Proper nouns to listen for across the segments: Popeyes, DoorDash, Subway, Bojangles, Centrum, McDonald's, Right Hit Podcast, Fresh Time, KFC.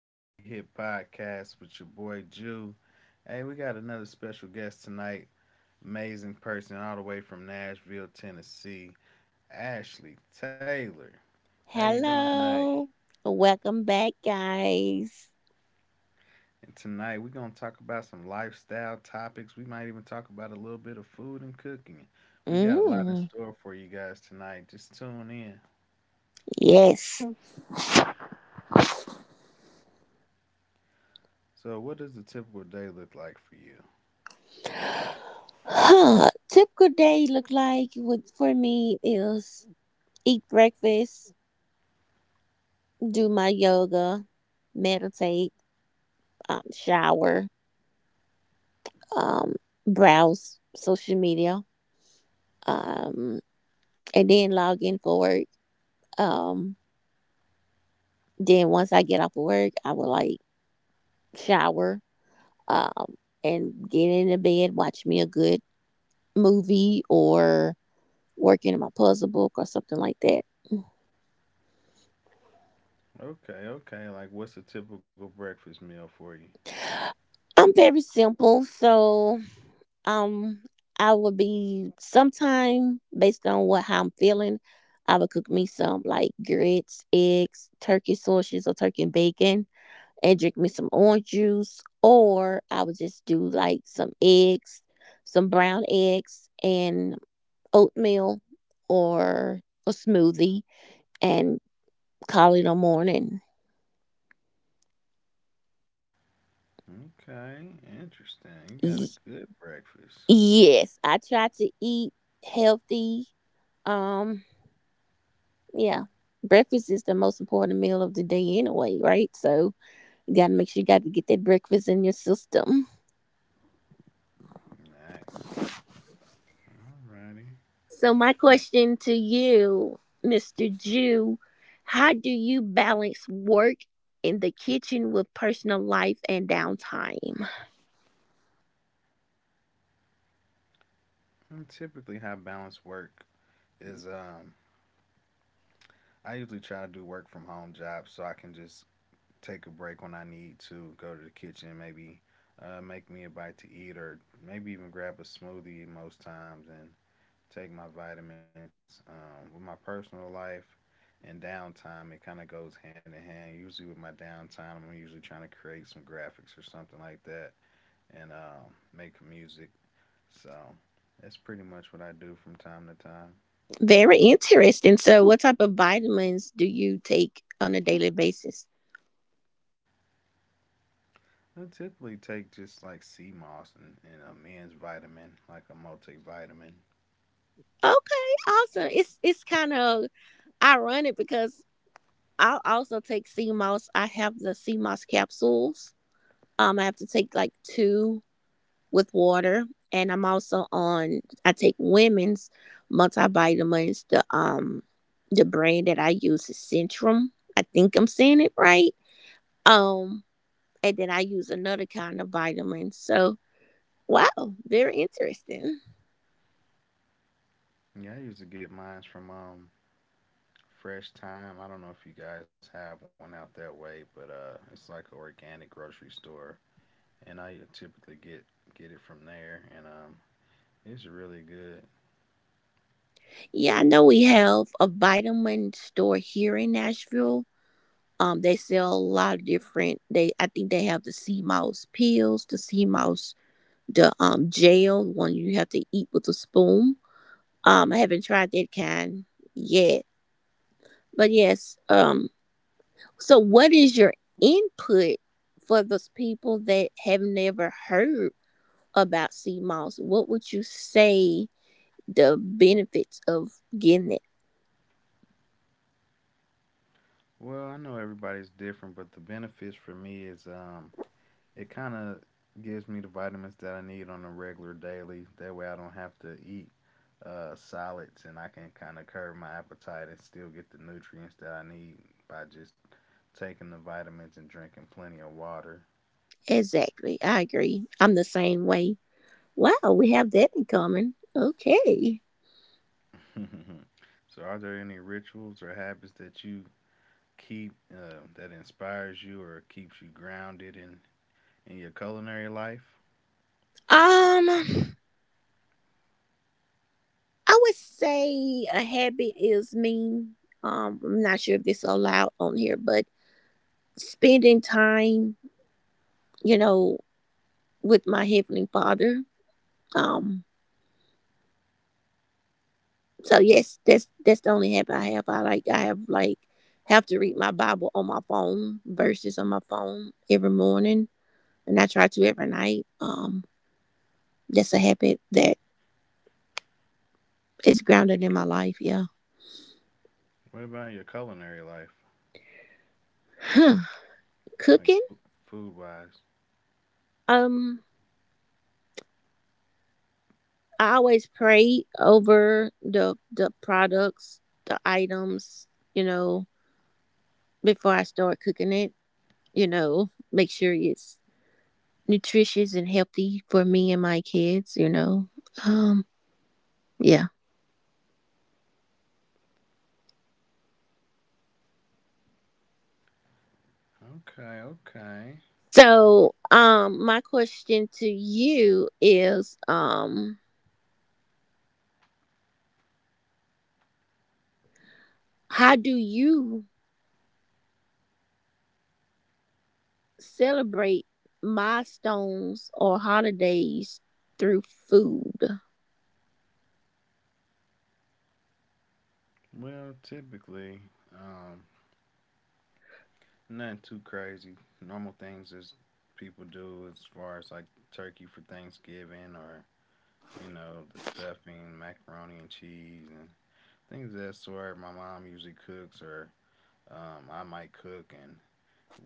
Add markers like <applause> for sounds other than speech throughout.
the Right Hit Podcast with your boy Jew. Hey, we got another special guest tonight, amazing person all the way from Nashville, Tennessee, Ashley Taylor. How you doing tonight? Hello. Welcome back, guys. And tonight we're gonna talk about some lifestyle topics. We might even talk about a little bit of food and cooking. We got a lot in Mm, store for you guys tonight. Just tune in. yes. So, what does a typical day look like for you? Huh. Typical day look like what for me is eat breakfast, do my yoga, meditate, shower, um, browse social media, um, and then log in for work. Um, then once I get off of work, I will like shower, um, and get into bed, watch me a good movie or working on my puzzle book or something like that. Okay, okay. Like, what's a typical breakfast meal for you? I'm very simple, so um I would be sometime based on what how I'm feeling, I would cook me some like grits, eggs, turkey sausages or turkey and bacon and drink me some orange juice, or I would just do like some eggs, some brown eggs and oatmeal or a smoothie and call it a morning. Okay, interesting. You got a good breakfast. Yes, I try to eat healthy. Um, yeah. Breakfast is the most important meal of the day anyway, right? So you gotta make sure you gotta get that breakfast in your system. Nice. Alrighty. So my question to you, Mr. Jew, how do you balance work in the kitchen with personal life and downtime? Mm, typically, how I balance work is I usually try to do work from home jobs so I can just take a break when I need to go to the kitchen, maybe make me a bite to eat, or maybe even grab a smoothie most times and take my vitamins. With my personal life, and downtime, it kind of goes hand in hand. Usually with my downtime, I'm usually trying to create some graphics or something like that and make music. So that's pretty much what I do from time to time. Very interesting. So what type of vitamins do you take on a daily basis? I typically take just like sea moss and a men's vitamin, like a multivitamin. Okay, awesome. It's kind of ironic because I'll also take sea moss. I have the sea moss capsules. I have to take like two with water, and I'm also on. I take women's multivitamins. The brand that I use is Centrum. I think I'm saying it right. Um, and then I use another kind of vitamin. So wow, very interesting. Yeah, I used to get mine from Fresh Time. I don't know if you guys have one out that way, but it's like an organic grocery store, and I typically get it from there. And it's really good. Yeah, I know we have a vitamin store here in Nashville. They sell a lot of different. They I think they have the sea mouse pills, the sea mouse, the gel one you have to eat with a spoon. I haven't tried that kind yet, but yes. So what is your input for those people that have never heard about sea moss? What would you say the benefits of getting it? Well, I know everybody's different, but the benefits for me is it kind of gives me the vitamins that I need on a regular daily. That way I don't have to eat solids and I can kind of curb my appetite and still get the nutrients that I need by just taking the vitamins and drinking plenty of water. Exactly, I agree. I'm the same way. Wow, we have that in common. Okay. <laughs> So are there any rituals or habits that you keep, that inspires you or keeps you grounded in your culinary life? Um, I would say a habit is me. I'm not sure if this is allowed on here, but spending time, you know, with my heavenly Father. Um, so yes, that's the only habit I have. I like I have like have to read my Bible on my phone, verses on my phone every morning, and I try to every night. That's a habit that is grounded in my life. Yeah. What about your culinary life, Huh. like Cooking. food wise? Um, I always pray over the products, the items, you know, before I start cooking it, you know, make sure it's nutritious and healthy for me and my kids, you know. Um yeah. Okay, okay. So, my question to you is how do you celebrate milestones or holidays through food? Well, typically, um, nothing too crazy. Normal things is people do as far as like turkey for Thanksgiving or you know the stuffing, macaroni and cheese, and things of that sort. My mom usually cooks, or I might cook, and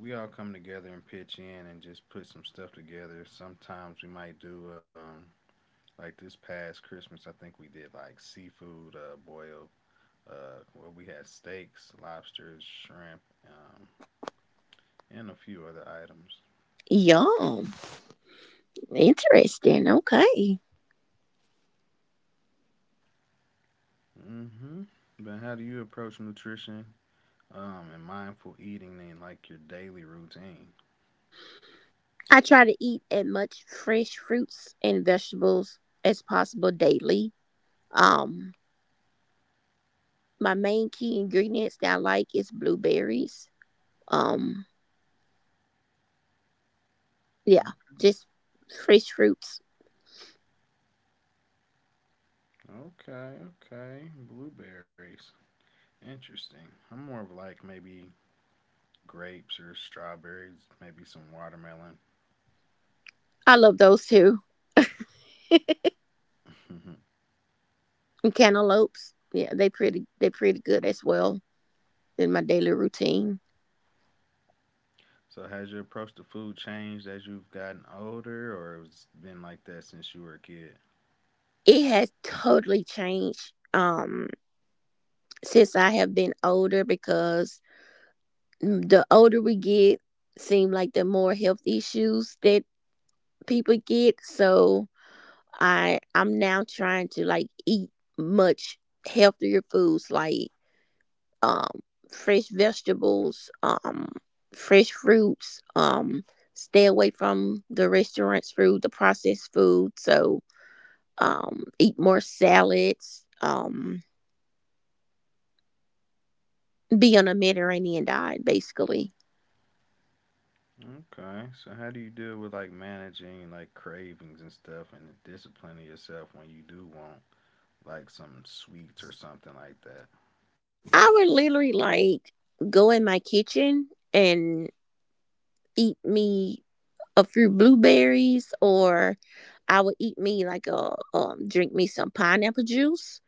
we all come together and pitch in and just put some stuff together. Sometimes we might do like this past Christmas, I think we did like seafood, boil, where we had steaks, lobsters, shrimp, and a few other items. Yum. Interesting. Okay. Mm-hmm. But how do you approach nutrition, and mindful eating in like your daily routine? I try to eat as much fresh fruits and vegetables as possible daily. Um, my main key ingredients that I like is blueberries. Um, yeah, Okay, just fresh fruits. okay. Okay. Blueberries. Interesting. I'm more of like maybe grapes or strawberries, maybe some watermelon. I love those too. <laughs> <laughs> And cantaloupes, yeah, they pretty good as well in my daily routine. So has your approach to food changed as you've gotten older, or it's been like that since you were a kid? It has totally changed since I have been older because mm, the older we get, seem like the more health issues that people get, so I'm now trying to like eat much healthier foods like um fresh vegetables, fresh fruits, stay away from the restaurants food, the processed food, so eat more salads, be on a mediterranean diet basically. Okay, so how do you deal with like managing like cravings and stuff, and disciplining yourself when you do want like some sweets or something like that? I would literally like go in my kitchen and eat me a few blueberries, or I would eat me like a drink me some pineapple juice,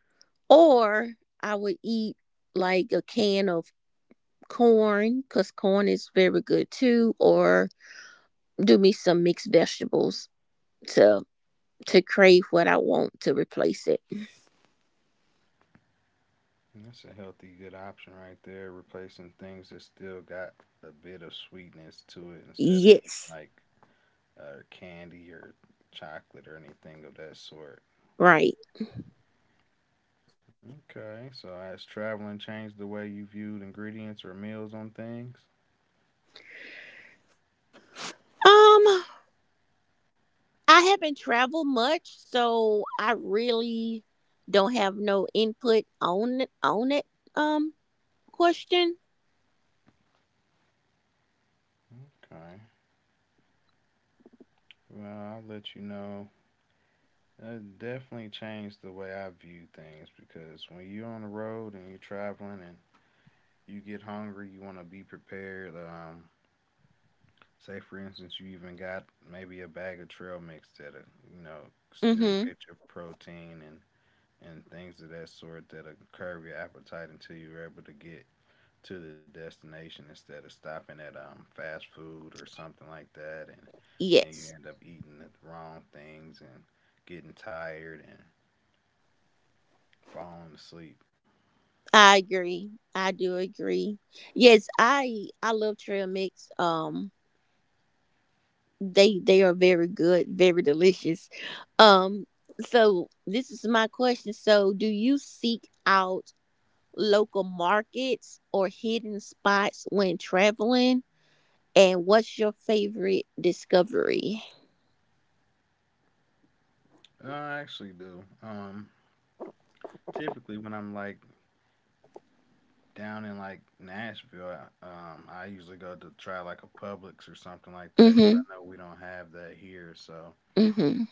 or I would eat like a can of corn cuz corn is very good too, or do me some mixed vegetables to crave what I want to replace it. That's a healthy, good option right there. Replacing things that still got a bit of sweetness to it instead of eating Yes. like, candy or chocolate or anything of that sort. Right. Okay, so has traveling changed the way you viewed ingredients or meals on things? Um I haven't traveled much so I really don't have no input on it um question. Okay, well, I'll let you know. It definitely changed the way I view things because when you're on the road and you're traveling and you get hungry, you want to be prepared. Say for instance, you even got maybe a bag of trail mix that you know still Mhm. get your protein and things of that sort that'll curb your appetite until you're able to get to the destination instead of stopping at fast food or something like that and then you Yes, end up eating the wrong things and getting tired and falling asleep. I agree. I do agree. Yes, I love trail mix. They are very good, very delicious. Um, so this is my question. So, do you seek out local markets or hidden spots when traveling? And what's your favorite discovery? I actually do. Typically when I'm like down in like Nashville, I usually go to try like a Publix or something like that cuz Mm-hmm. I know we don't have that here, so Mm-hmm.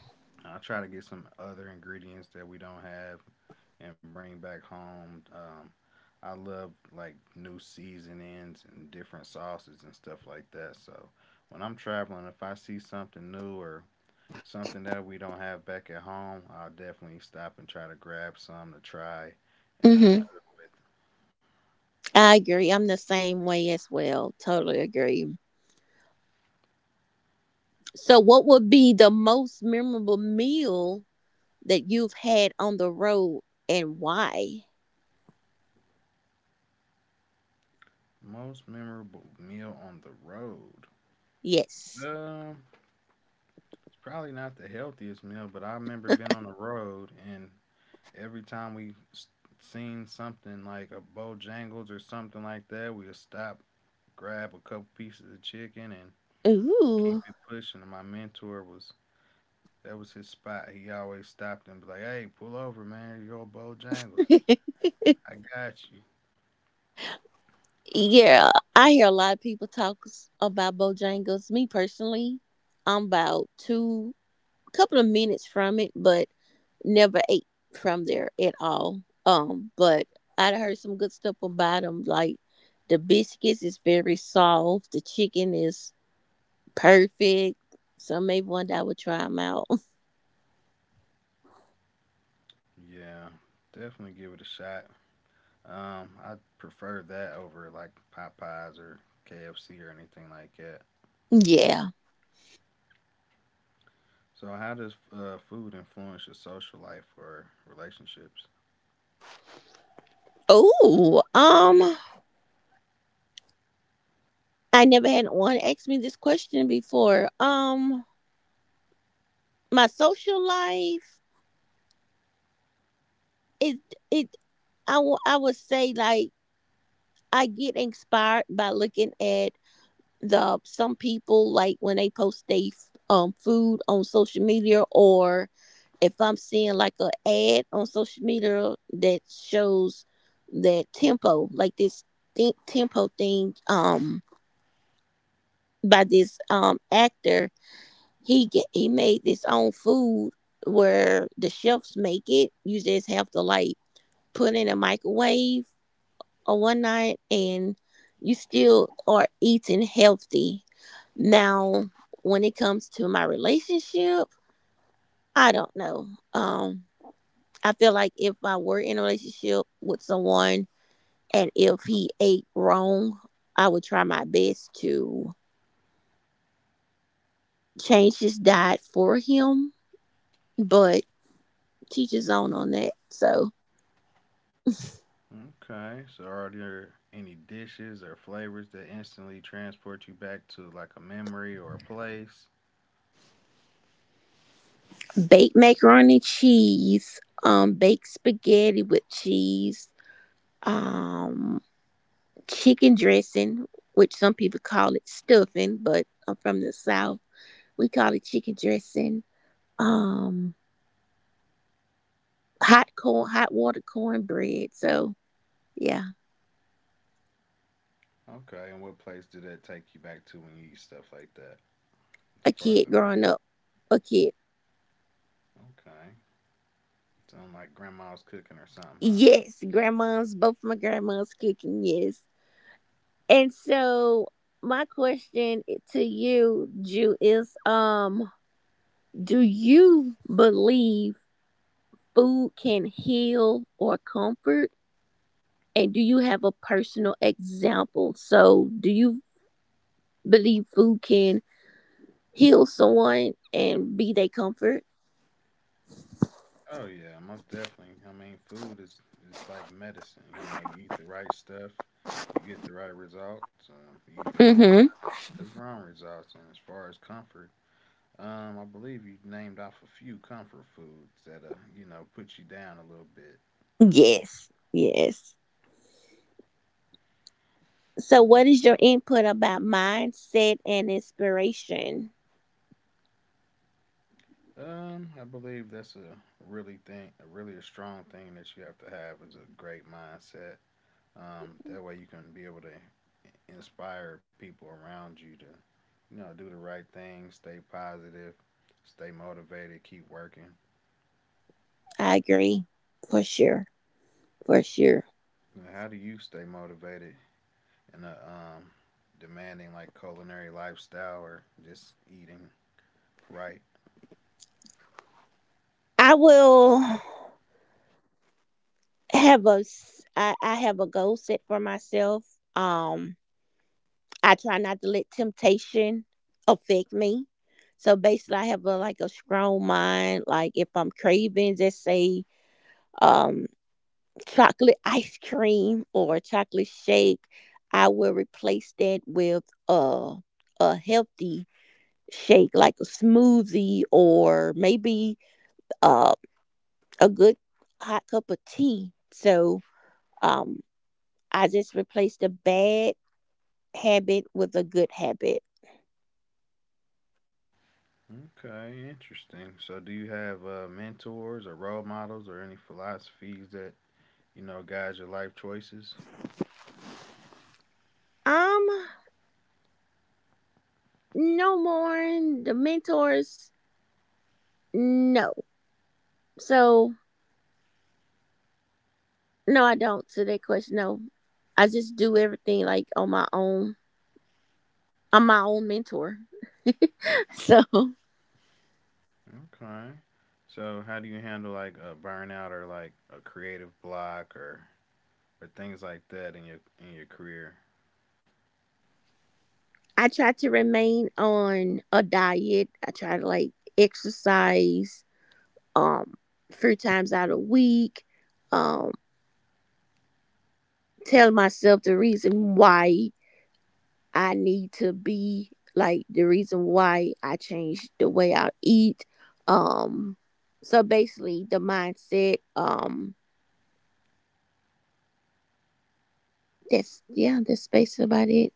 I try to get some other ingredients that we don't have and bring back home. I love like new seasonings and different sauces and stuff like that. So when I'm traveling, if I see something new or something that we don't have back at home, I'll definitely stop and try to grab some to try and, Mm-hmm. cook with. I agree. I'm the same way as well. Totally agree. So, what would be the most memorable meal that you've had on the road and why? Most memorable meal on the road. Yes. Um, it's probably not the healthiest meal, but I remember being on the road and every time we seen something like a Bojangles or something like that, we'll stop, grab a couple pieces of chicken, and keep Ooh. it pushing. And my mentor was that was his spot. He always stopped and be like, "Hey, pull over, man. You're on Bojangles. <laughs> I got you." Yeah. I hear a lot of people talk s- about Bojangles. Me personally, I'm about two, couple of minutes from it, but never ate from there at all. But I'd heard some good stuff about them. Like the biscuits is very soft, the chicken is perfect. So maybe one day I would try them out. <laughs> Yeah, definitely give it a shot. I prefer that over like Popeyes or KFC or anything like that. Yeah. So, how does, food influence your social life or relationships? Oh, I never had one ask me this question before. My social life it it I would say like I get inspired by looking at the some people like when they post they food on social media, or if I'm seeing like a ad on social media that shows that tempo, like this think tempo thing, by this actor, he made this own food where the chefs make it. You just have to like put in a microwave or one night, and you still are eating healthy. Now, when it comes to my relationship, I don't know. Um, I feel like if I were in a relationship with someone and if he ate wrong, I would try my best to change his diet for him, but teach his own on that. So, Okay, so are there any dishes or flavors that instantly transport you back to like a memory or a place? baked macaroni cheese, baked spaghetti with cheese, um, chicken dressing, which some people call it stuffing, but I'm from the South. We call it chicken dressing, um, hot corn, hot water cornbread. So, yeah. Okay, and what place did that take you back to when you eat stuff like that? As A far kid as a growing up, a kid. memory. Okay, sound like grandma's cooking or something, huh? Yes, grandmas, both my grandmas cooking, yes. And so my question to you, Jew, is do you believe food can heal or comfort? And do you have a personal example? So do you believe food can heal someone and be their comfort? Oh yeah, most definitely. I mean, food is like medicine. You know, you eat the right stuff, you get the right results. You eat Mm-hmm. the wrong results. And as far as comfort, I believe you named off a few comfort foods that, you know, put you down a little bit. Yes. Yes. So, Yeah. what is your input about mindset and inspiration? I believe that's a really thing, a really a strong thing that you have to have is a great mindset. That way you can be able to inspire people around you to, you know, do the right thing, stay positive, stay motivated, keep working. I agree, for sure, for sure. You how do you stay motivated in a, demanding like culinary lifestyle or just eating right? I will have a s- I have a goal set for myself. Um, I try not to let temptation affect me. So basically, I have a like a strong mind. Like if I'm craving, just say um chocolate ice cream or chocolate shake, I will replace that with a healthy shake like a smoothie, or maybe uh, a good hot cup of tea. So um, I just replaced a bad habit with a good habit. Okay, interesting. So, do you have, mentors or role models or any philosophies that you know guide your life choices? Um, no more in the mentors. No. So no, I don't. To that question, no. I just do everything like on my own. I'm my own mentor. So Okay. So, how do you handle like a burnout or like a creative block or things like that in your career? I try to remain on a diet. I try to like exercise um three times out a week. Um tell myself the reason why I need to be like the reason why I changed the way I eat. Um so basically the mindset, that's yeah, that's basically about it.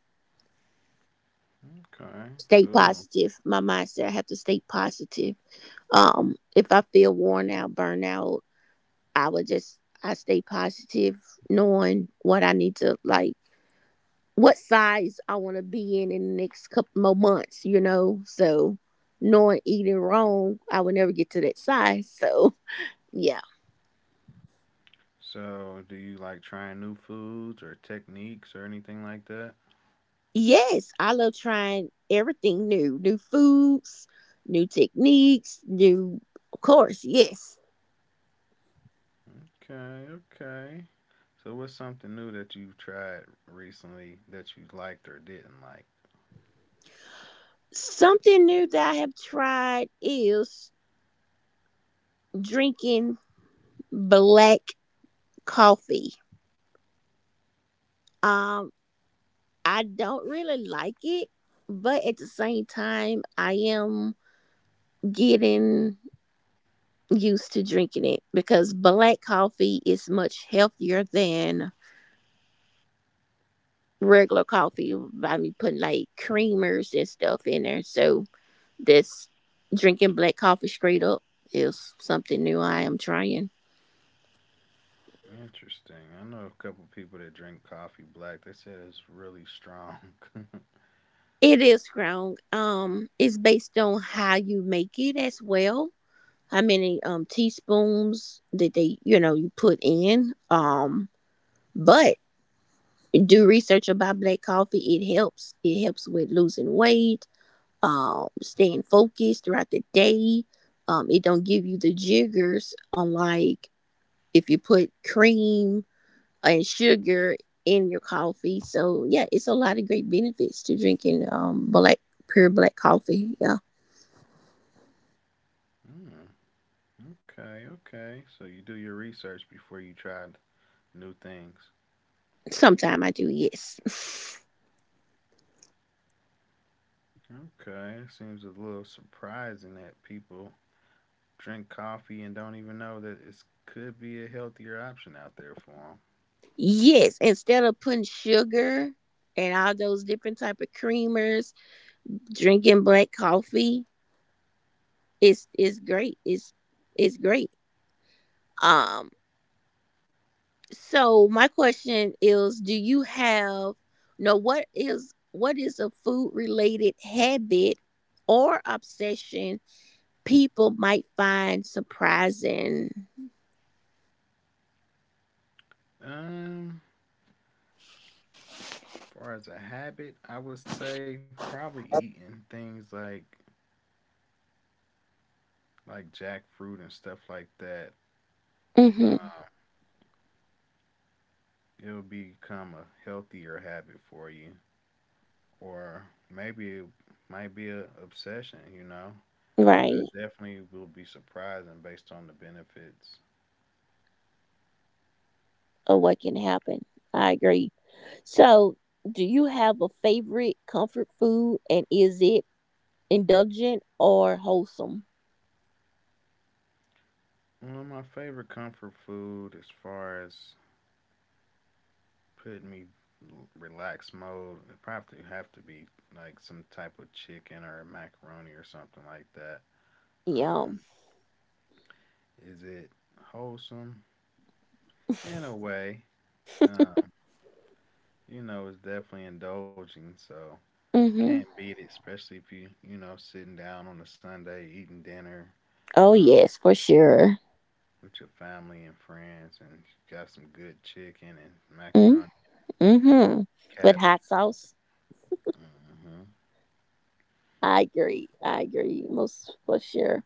Okay, Stay cool. positive. My mindset I have to stay positive. If I feel worn out, burnout, I would just I stay positive, knowing what I need to like, what size I want to be in the next couple more months. You know, so knowing eating wrong, I would never get to that size. So <laughs> yeah, So, do you like trying new foods or techniques or anything like that? yes, I love trying everything new, new foods, new techniques, new of course, yes. Okay, okay. So, what's something new that you've tried recently that you liked or didn't like? Something new that I have tried is drinking black coffee. Um. I don't really like it, but at the same time, I am getting used to drinking it because black coffee is much healthier than regular coffee by me putting like creamers and stuff in there. So this drinking black coffee straight up is something new I am trying. Interesting. I know a couple people that drink coffee black. They said it's really strong. <laughs> It is strong. It's based on how you make it as well. How many teaspoons that they you know you put in. But do research about black coffee. It helps. It helps with losing weight, staying focused throughout the day. It don't give you the jiggers on like if you put cream and sugar in your coffee. So yeah, it's a lot of great benefits to drinking black pure black coffee. Yeah. mm, okay, okay. So you do your research before you try new things. Sometime I do, yes. Okay, it seems a little surprising that people drink coffee and don't even know that it could be a healthier option out there for them. <laughs> Yes, instead of putting sugar and all those different type of creamers, drinking black coffee it's great. It's great. Um so my question is do you have no what is a food related habit or obsession people might find surprising? Um, as far as a habit, I would say probably eating things like jackfruit and stuff like that. Um, Mhm. It'll become a healthier habit for you, or maybe it might be an obsession, you know. But Right. it definitely will be surprising based on the benefits. Or what can happen. I agree. So do you have a favorite comfort food, and is it indulgent or wholesome? One of my favorite comfort food, as far as putting me relaxed mode, it probably have to be like some type of chicken or macaroni or something like that. Yum. Um, is it wholesome <laughs> in a way? Um, you know, it's definitely indulging, so can't Mhm. beat it, especially if you, you know, sitting down on a Sunday, eating dinner, Oh um, yes, for sure. with your family and friends, and you got some good chicken and macaroni Mm. and Mm-hmm. With cabbage hot or sauce. something. I agree. I agree most for sure.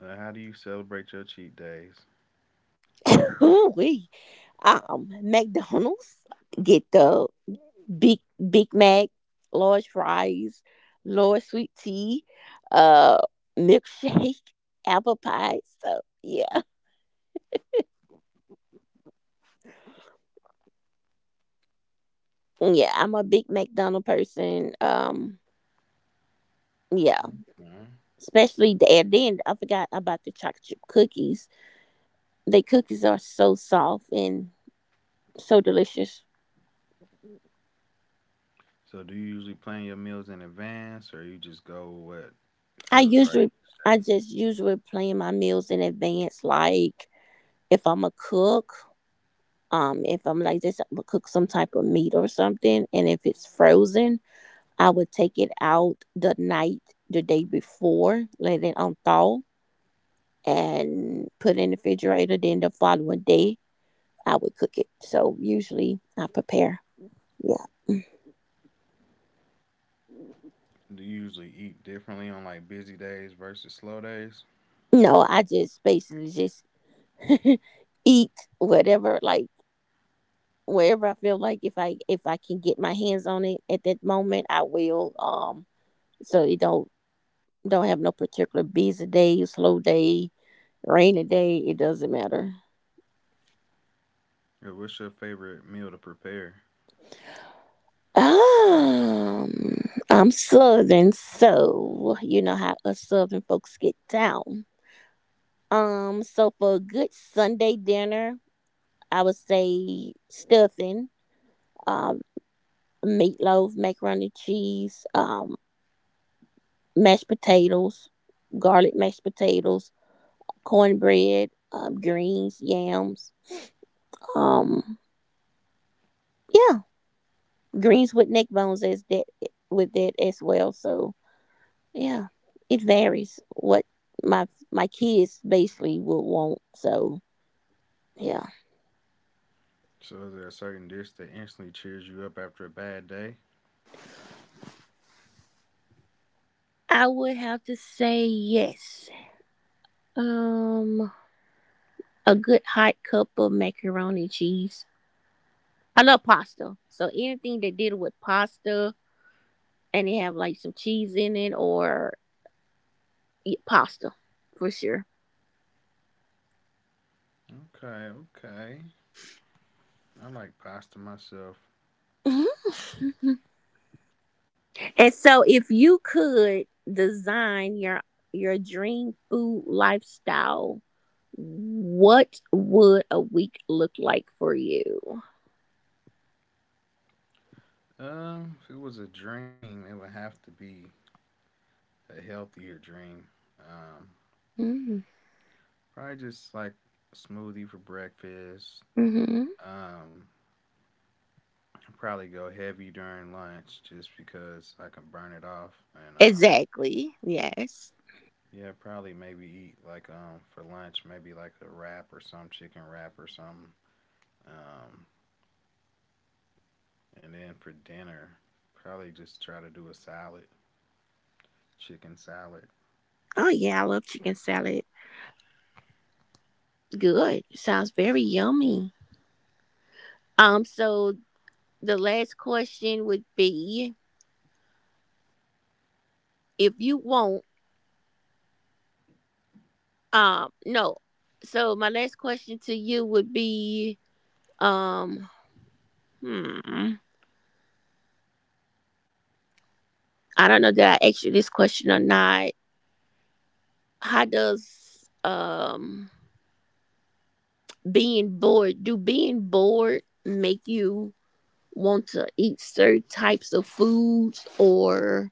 How do you celebrate your cheat days? Ooh wee. McDonald's get the big Big Mac, large fries, large sweet tea, uh, milkshake, <laughs> apple pie. So yeah, yeah. I'm a big McDonald person. Yeah, hmm especially the and then I forgot about the chocolate chip cookies. The cookies are so soft and so delicious. So, do you usually plan your meals in advance, or you just go with what I feels right? usually I just usually plan my meals in advance, like if I'm a cook, if I'm like just I'ma cook some type of meat or something, and if it's frozen, I would take it out the day before, let it unthaw and put it in the refrigerator, then the following day I would cook it. So usually I prepare. Yeah. Mm. Do you usually eat differently on like busy days versus slow days? No, I just basically just <laughs> eat whatever like wherever I feel like if I can get my hands on it at that moment, I will. So it don't have no particular busy day, slow day, rainy day. It doesn't matter. Or what's your favorite meal to prepare? I'm Southern, so you know how us Southern folks get down. So for a good Sunday dinner, I would say stuffing, um, meatloaf, macaroni and cheese, mashed potatoes, garlic mashed potatoes cornbread, greens, yams. Um, yeah, greens with neck bones as that with that as well. So yeah, it varies what my my kids basically would want. So yeah, So is there a certain dish that instantly cheers you up after a bad day? I would have to say yes. Um, a good hot cup of macaroni and cheese. I love pasta, so anything that deal with pasta and they have like some cheese in it or yeah, pasta for sure. Okay, okay. I like pasta myself. <laughs> And so if you could design your dream food lifestyle, what would a week look like for you? If it was a dream, it would have to be a healthier dream. Um, Probably just like a smoothie for breakfast. Mm-hmm. Um, I'd probably go heavy during lunch just because I can burn it off. And Exactly. Yes. yeah, probably maybe eat like for lunch maybe like a wrap or some chicken wrap or something. Um, And then for dinner, probably just try to do a salad, chicken salad. Oh yeah, I love chicken salad. Good. Sounds very yummy. So the last question would be if you want no. So my last question to you would be um hmm I don't know that I asked you this question or not. How does being bored do being bored make you want to eat certain types of foods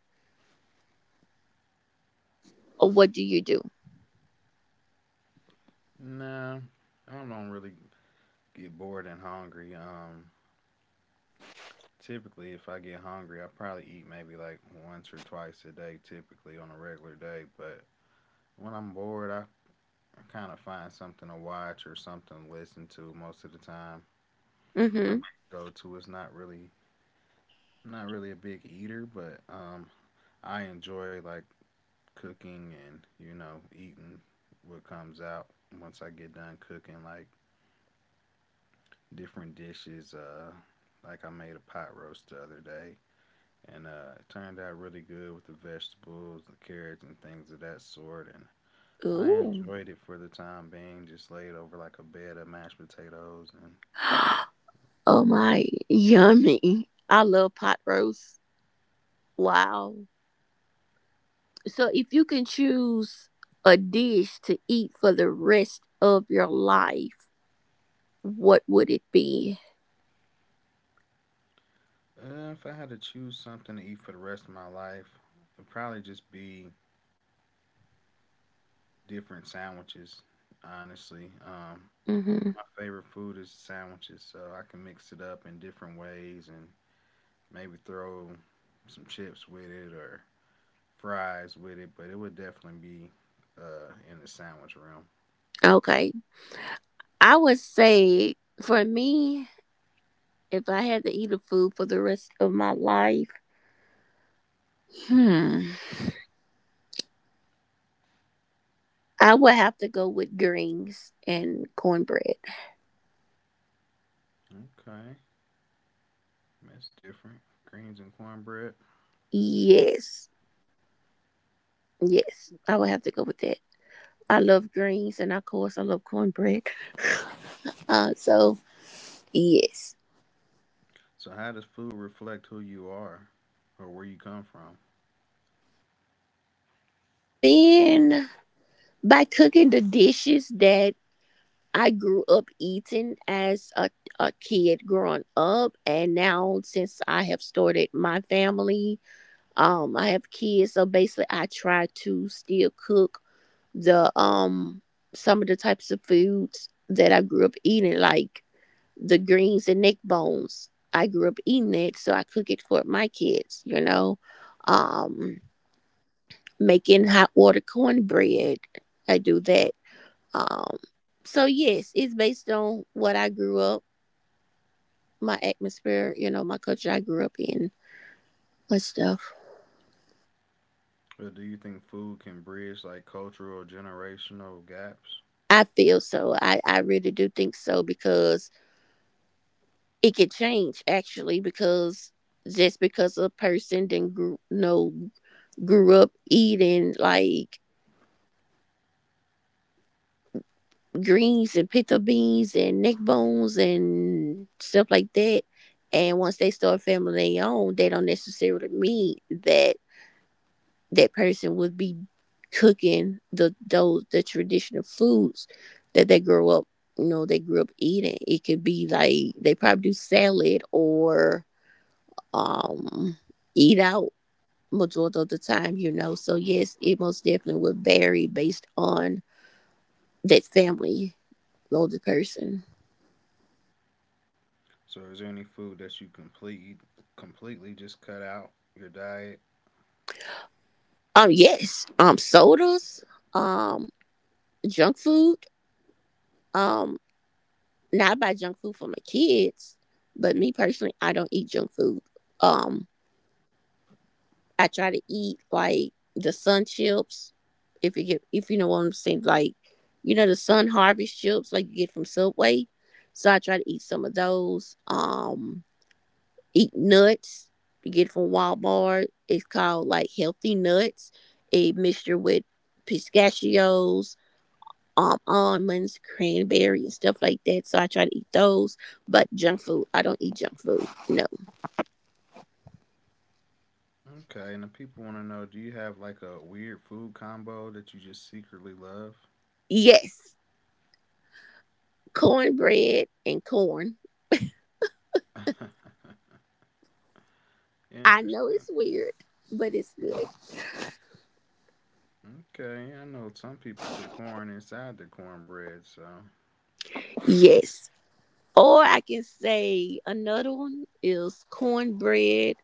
or what do you do? Nah, I don't really get bored and hungry. Typically, if I get hungry, I probably eat maybe like once or twice a day, typically on a regular day. But when I'm bored, I kind of find something to watch or something to listen to most of the time. My Mm-hmm. go-to is not really, not really a big eater, but I enjoy like cooking and you know eating what comes out once I get done cooking like different dishes. Like I made a pot roast the other day, and it turned out really good with the vegetables, the carrots, and things of that sort. And I Ooh. enjoyed it for the time being, just laid over like a bed of mashed potatoes. <gasps> Oh my yummy. I love pot roast. Wow. So if you can choose a dish to eat for the rest of your life, what would it be? And if I had to choose something to eat for the rest of my life, it'd probably just be different sandwiches. Honestly, Mm-hmm. my favorite food is sandwiches, so I can mix it up in different ways and maybe throw some chips with it or fries with it, but it would definitely be, in the sandwich realm. Okay. I would say for me, if I had to eat a food for the rest of my life, hmm, I would have to go with greens and cornbread. Okay, that's different. Greens and cornbread. Yes, yes, I would have to go with that. I love greens, and of course, I love cornbread. So yes, So, how does food reflect who you are or where you come from? by being by cooking the dishes that I grew up eating as a kid growing up, and now since I have started my family. I have kids, so basically I try to still cook the some of the types of foods that I grew up eating, like the greens and neck bones. I grew up eating it, so I cook it for my kids, you know. Um, making hot water cornbread. I do that. Um, so yes, it's based on what I grew up, my atmosphere, you know, my culture I grew up in, my stuff. Or do you think food can bridge like cultural or generational gaps? I feel so. I really do think so because it could change actually because just because a person didn't grew up eating like greens and pita beans and neck bones and stuff like that, and once they start family their own, they don't necessarily mean that that person would be cooking the traditional foods that they grew up you know they grew up eating. It could be like they probably do salad or um eat out majority of the time, you know. So yes, it most definitely would vary based on that family of the person. So, is there any food that you completely just cut out your diet? Yes. Sodas, um, junk food. Um, now I buy junk food for my kids, but me personally, I don't eat junk food. Um, I try to eat like the sun chips, if you know what I'm saying, like you know the sun harvest chips like you get from Subway. So I try to eat some of those. Eat nuts you get it from Walmart. It's called like healthy nuts. A mixture with pistachios, almonds, cranberry, and stuff like that. So I try to eat those. But junk food, I don't eat junk food. No. Okay, and the people want to know do you have like a weird food combo that you just secretly love? Yes, cornbread and corn. <laughs> I know Interesting. it's weird, but it's good. Okay, I know some people put corn inside their cornbread, so. Yes. Or I can say another one is cornbread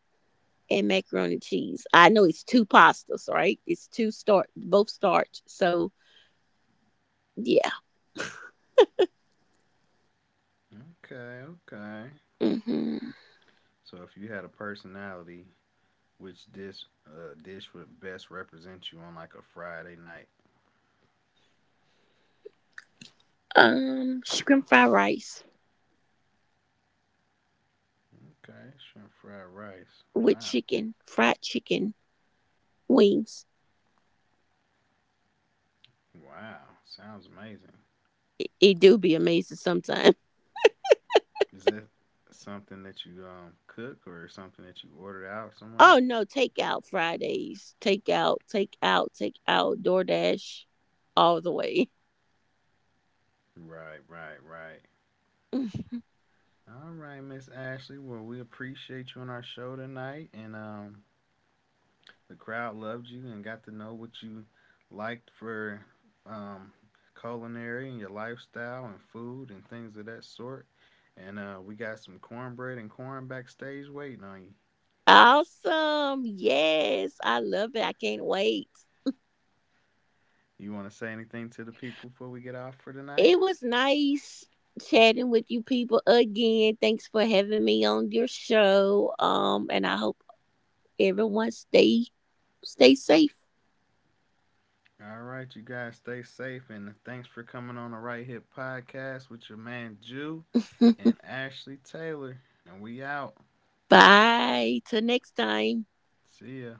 and macaroni cheese. I know it's two pastas, right? It's two starch, both starch. So yeah. Okay, okay. hmm So if you had a personality, which dish, dish would best represent you on like a Friday night? Shrimp fried rice Okay, shrimp fried rice. with Wow. chicken, fried chicken wings. Wow. Sounds amazing. It do be amazing sometimes. <laughs> Is that something that you, cook or something that you ordered out somewhere? Oh no, takeout Fridays, takeout, takeout, takeout, DoorDash, all the way. Right, right, right. <laughs> All right, Miss Ashley. Well, we appreciate you on our show tonight, and the crowd loved you and got to know what you liked for, um, culinary and your lifestyle and food and things of that sort. And we got some cornbread and corn backstage waiting on you. Awesome! Yes, I love it. I can't wait. You want to say anything to the people before we get off for tonight? It was nice chatting with you people again. Thanks for having me on your show. And I hope everyone stay safe. All right, you guys stay safe and thanks for coming on the Right Hip Podcast with your man Jew and <laughs> Ashley Taylor. And we out. Bye. Till next time. See ya.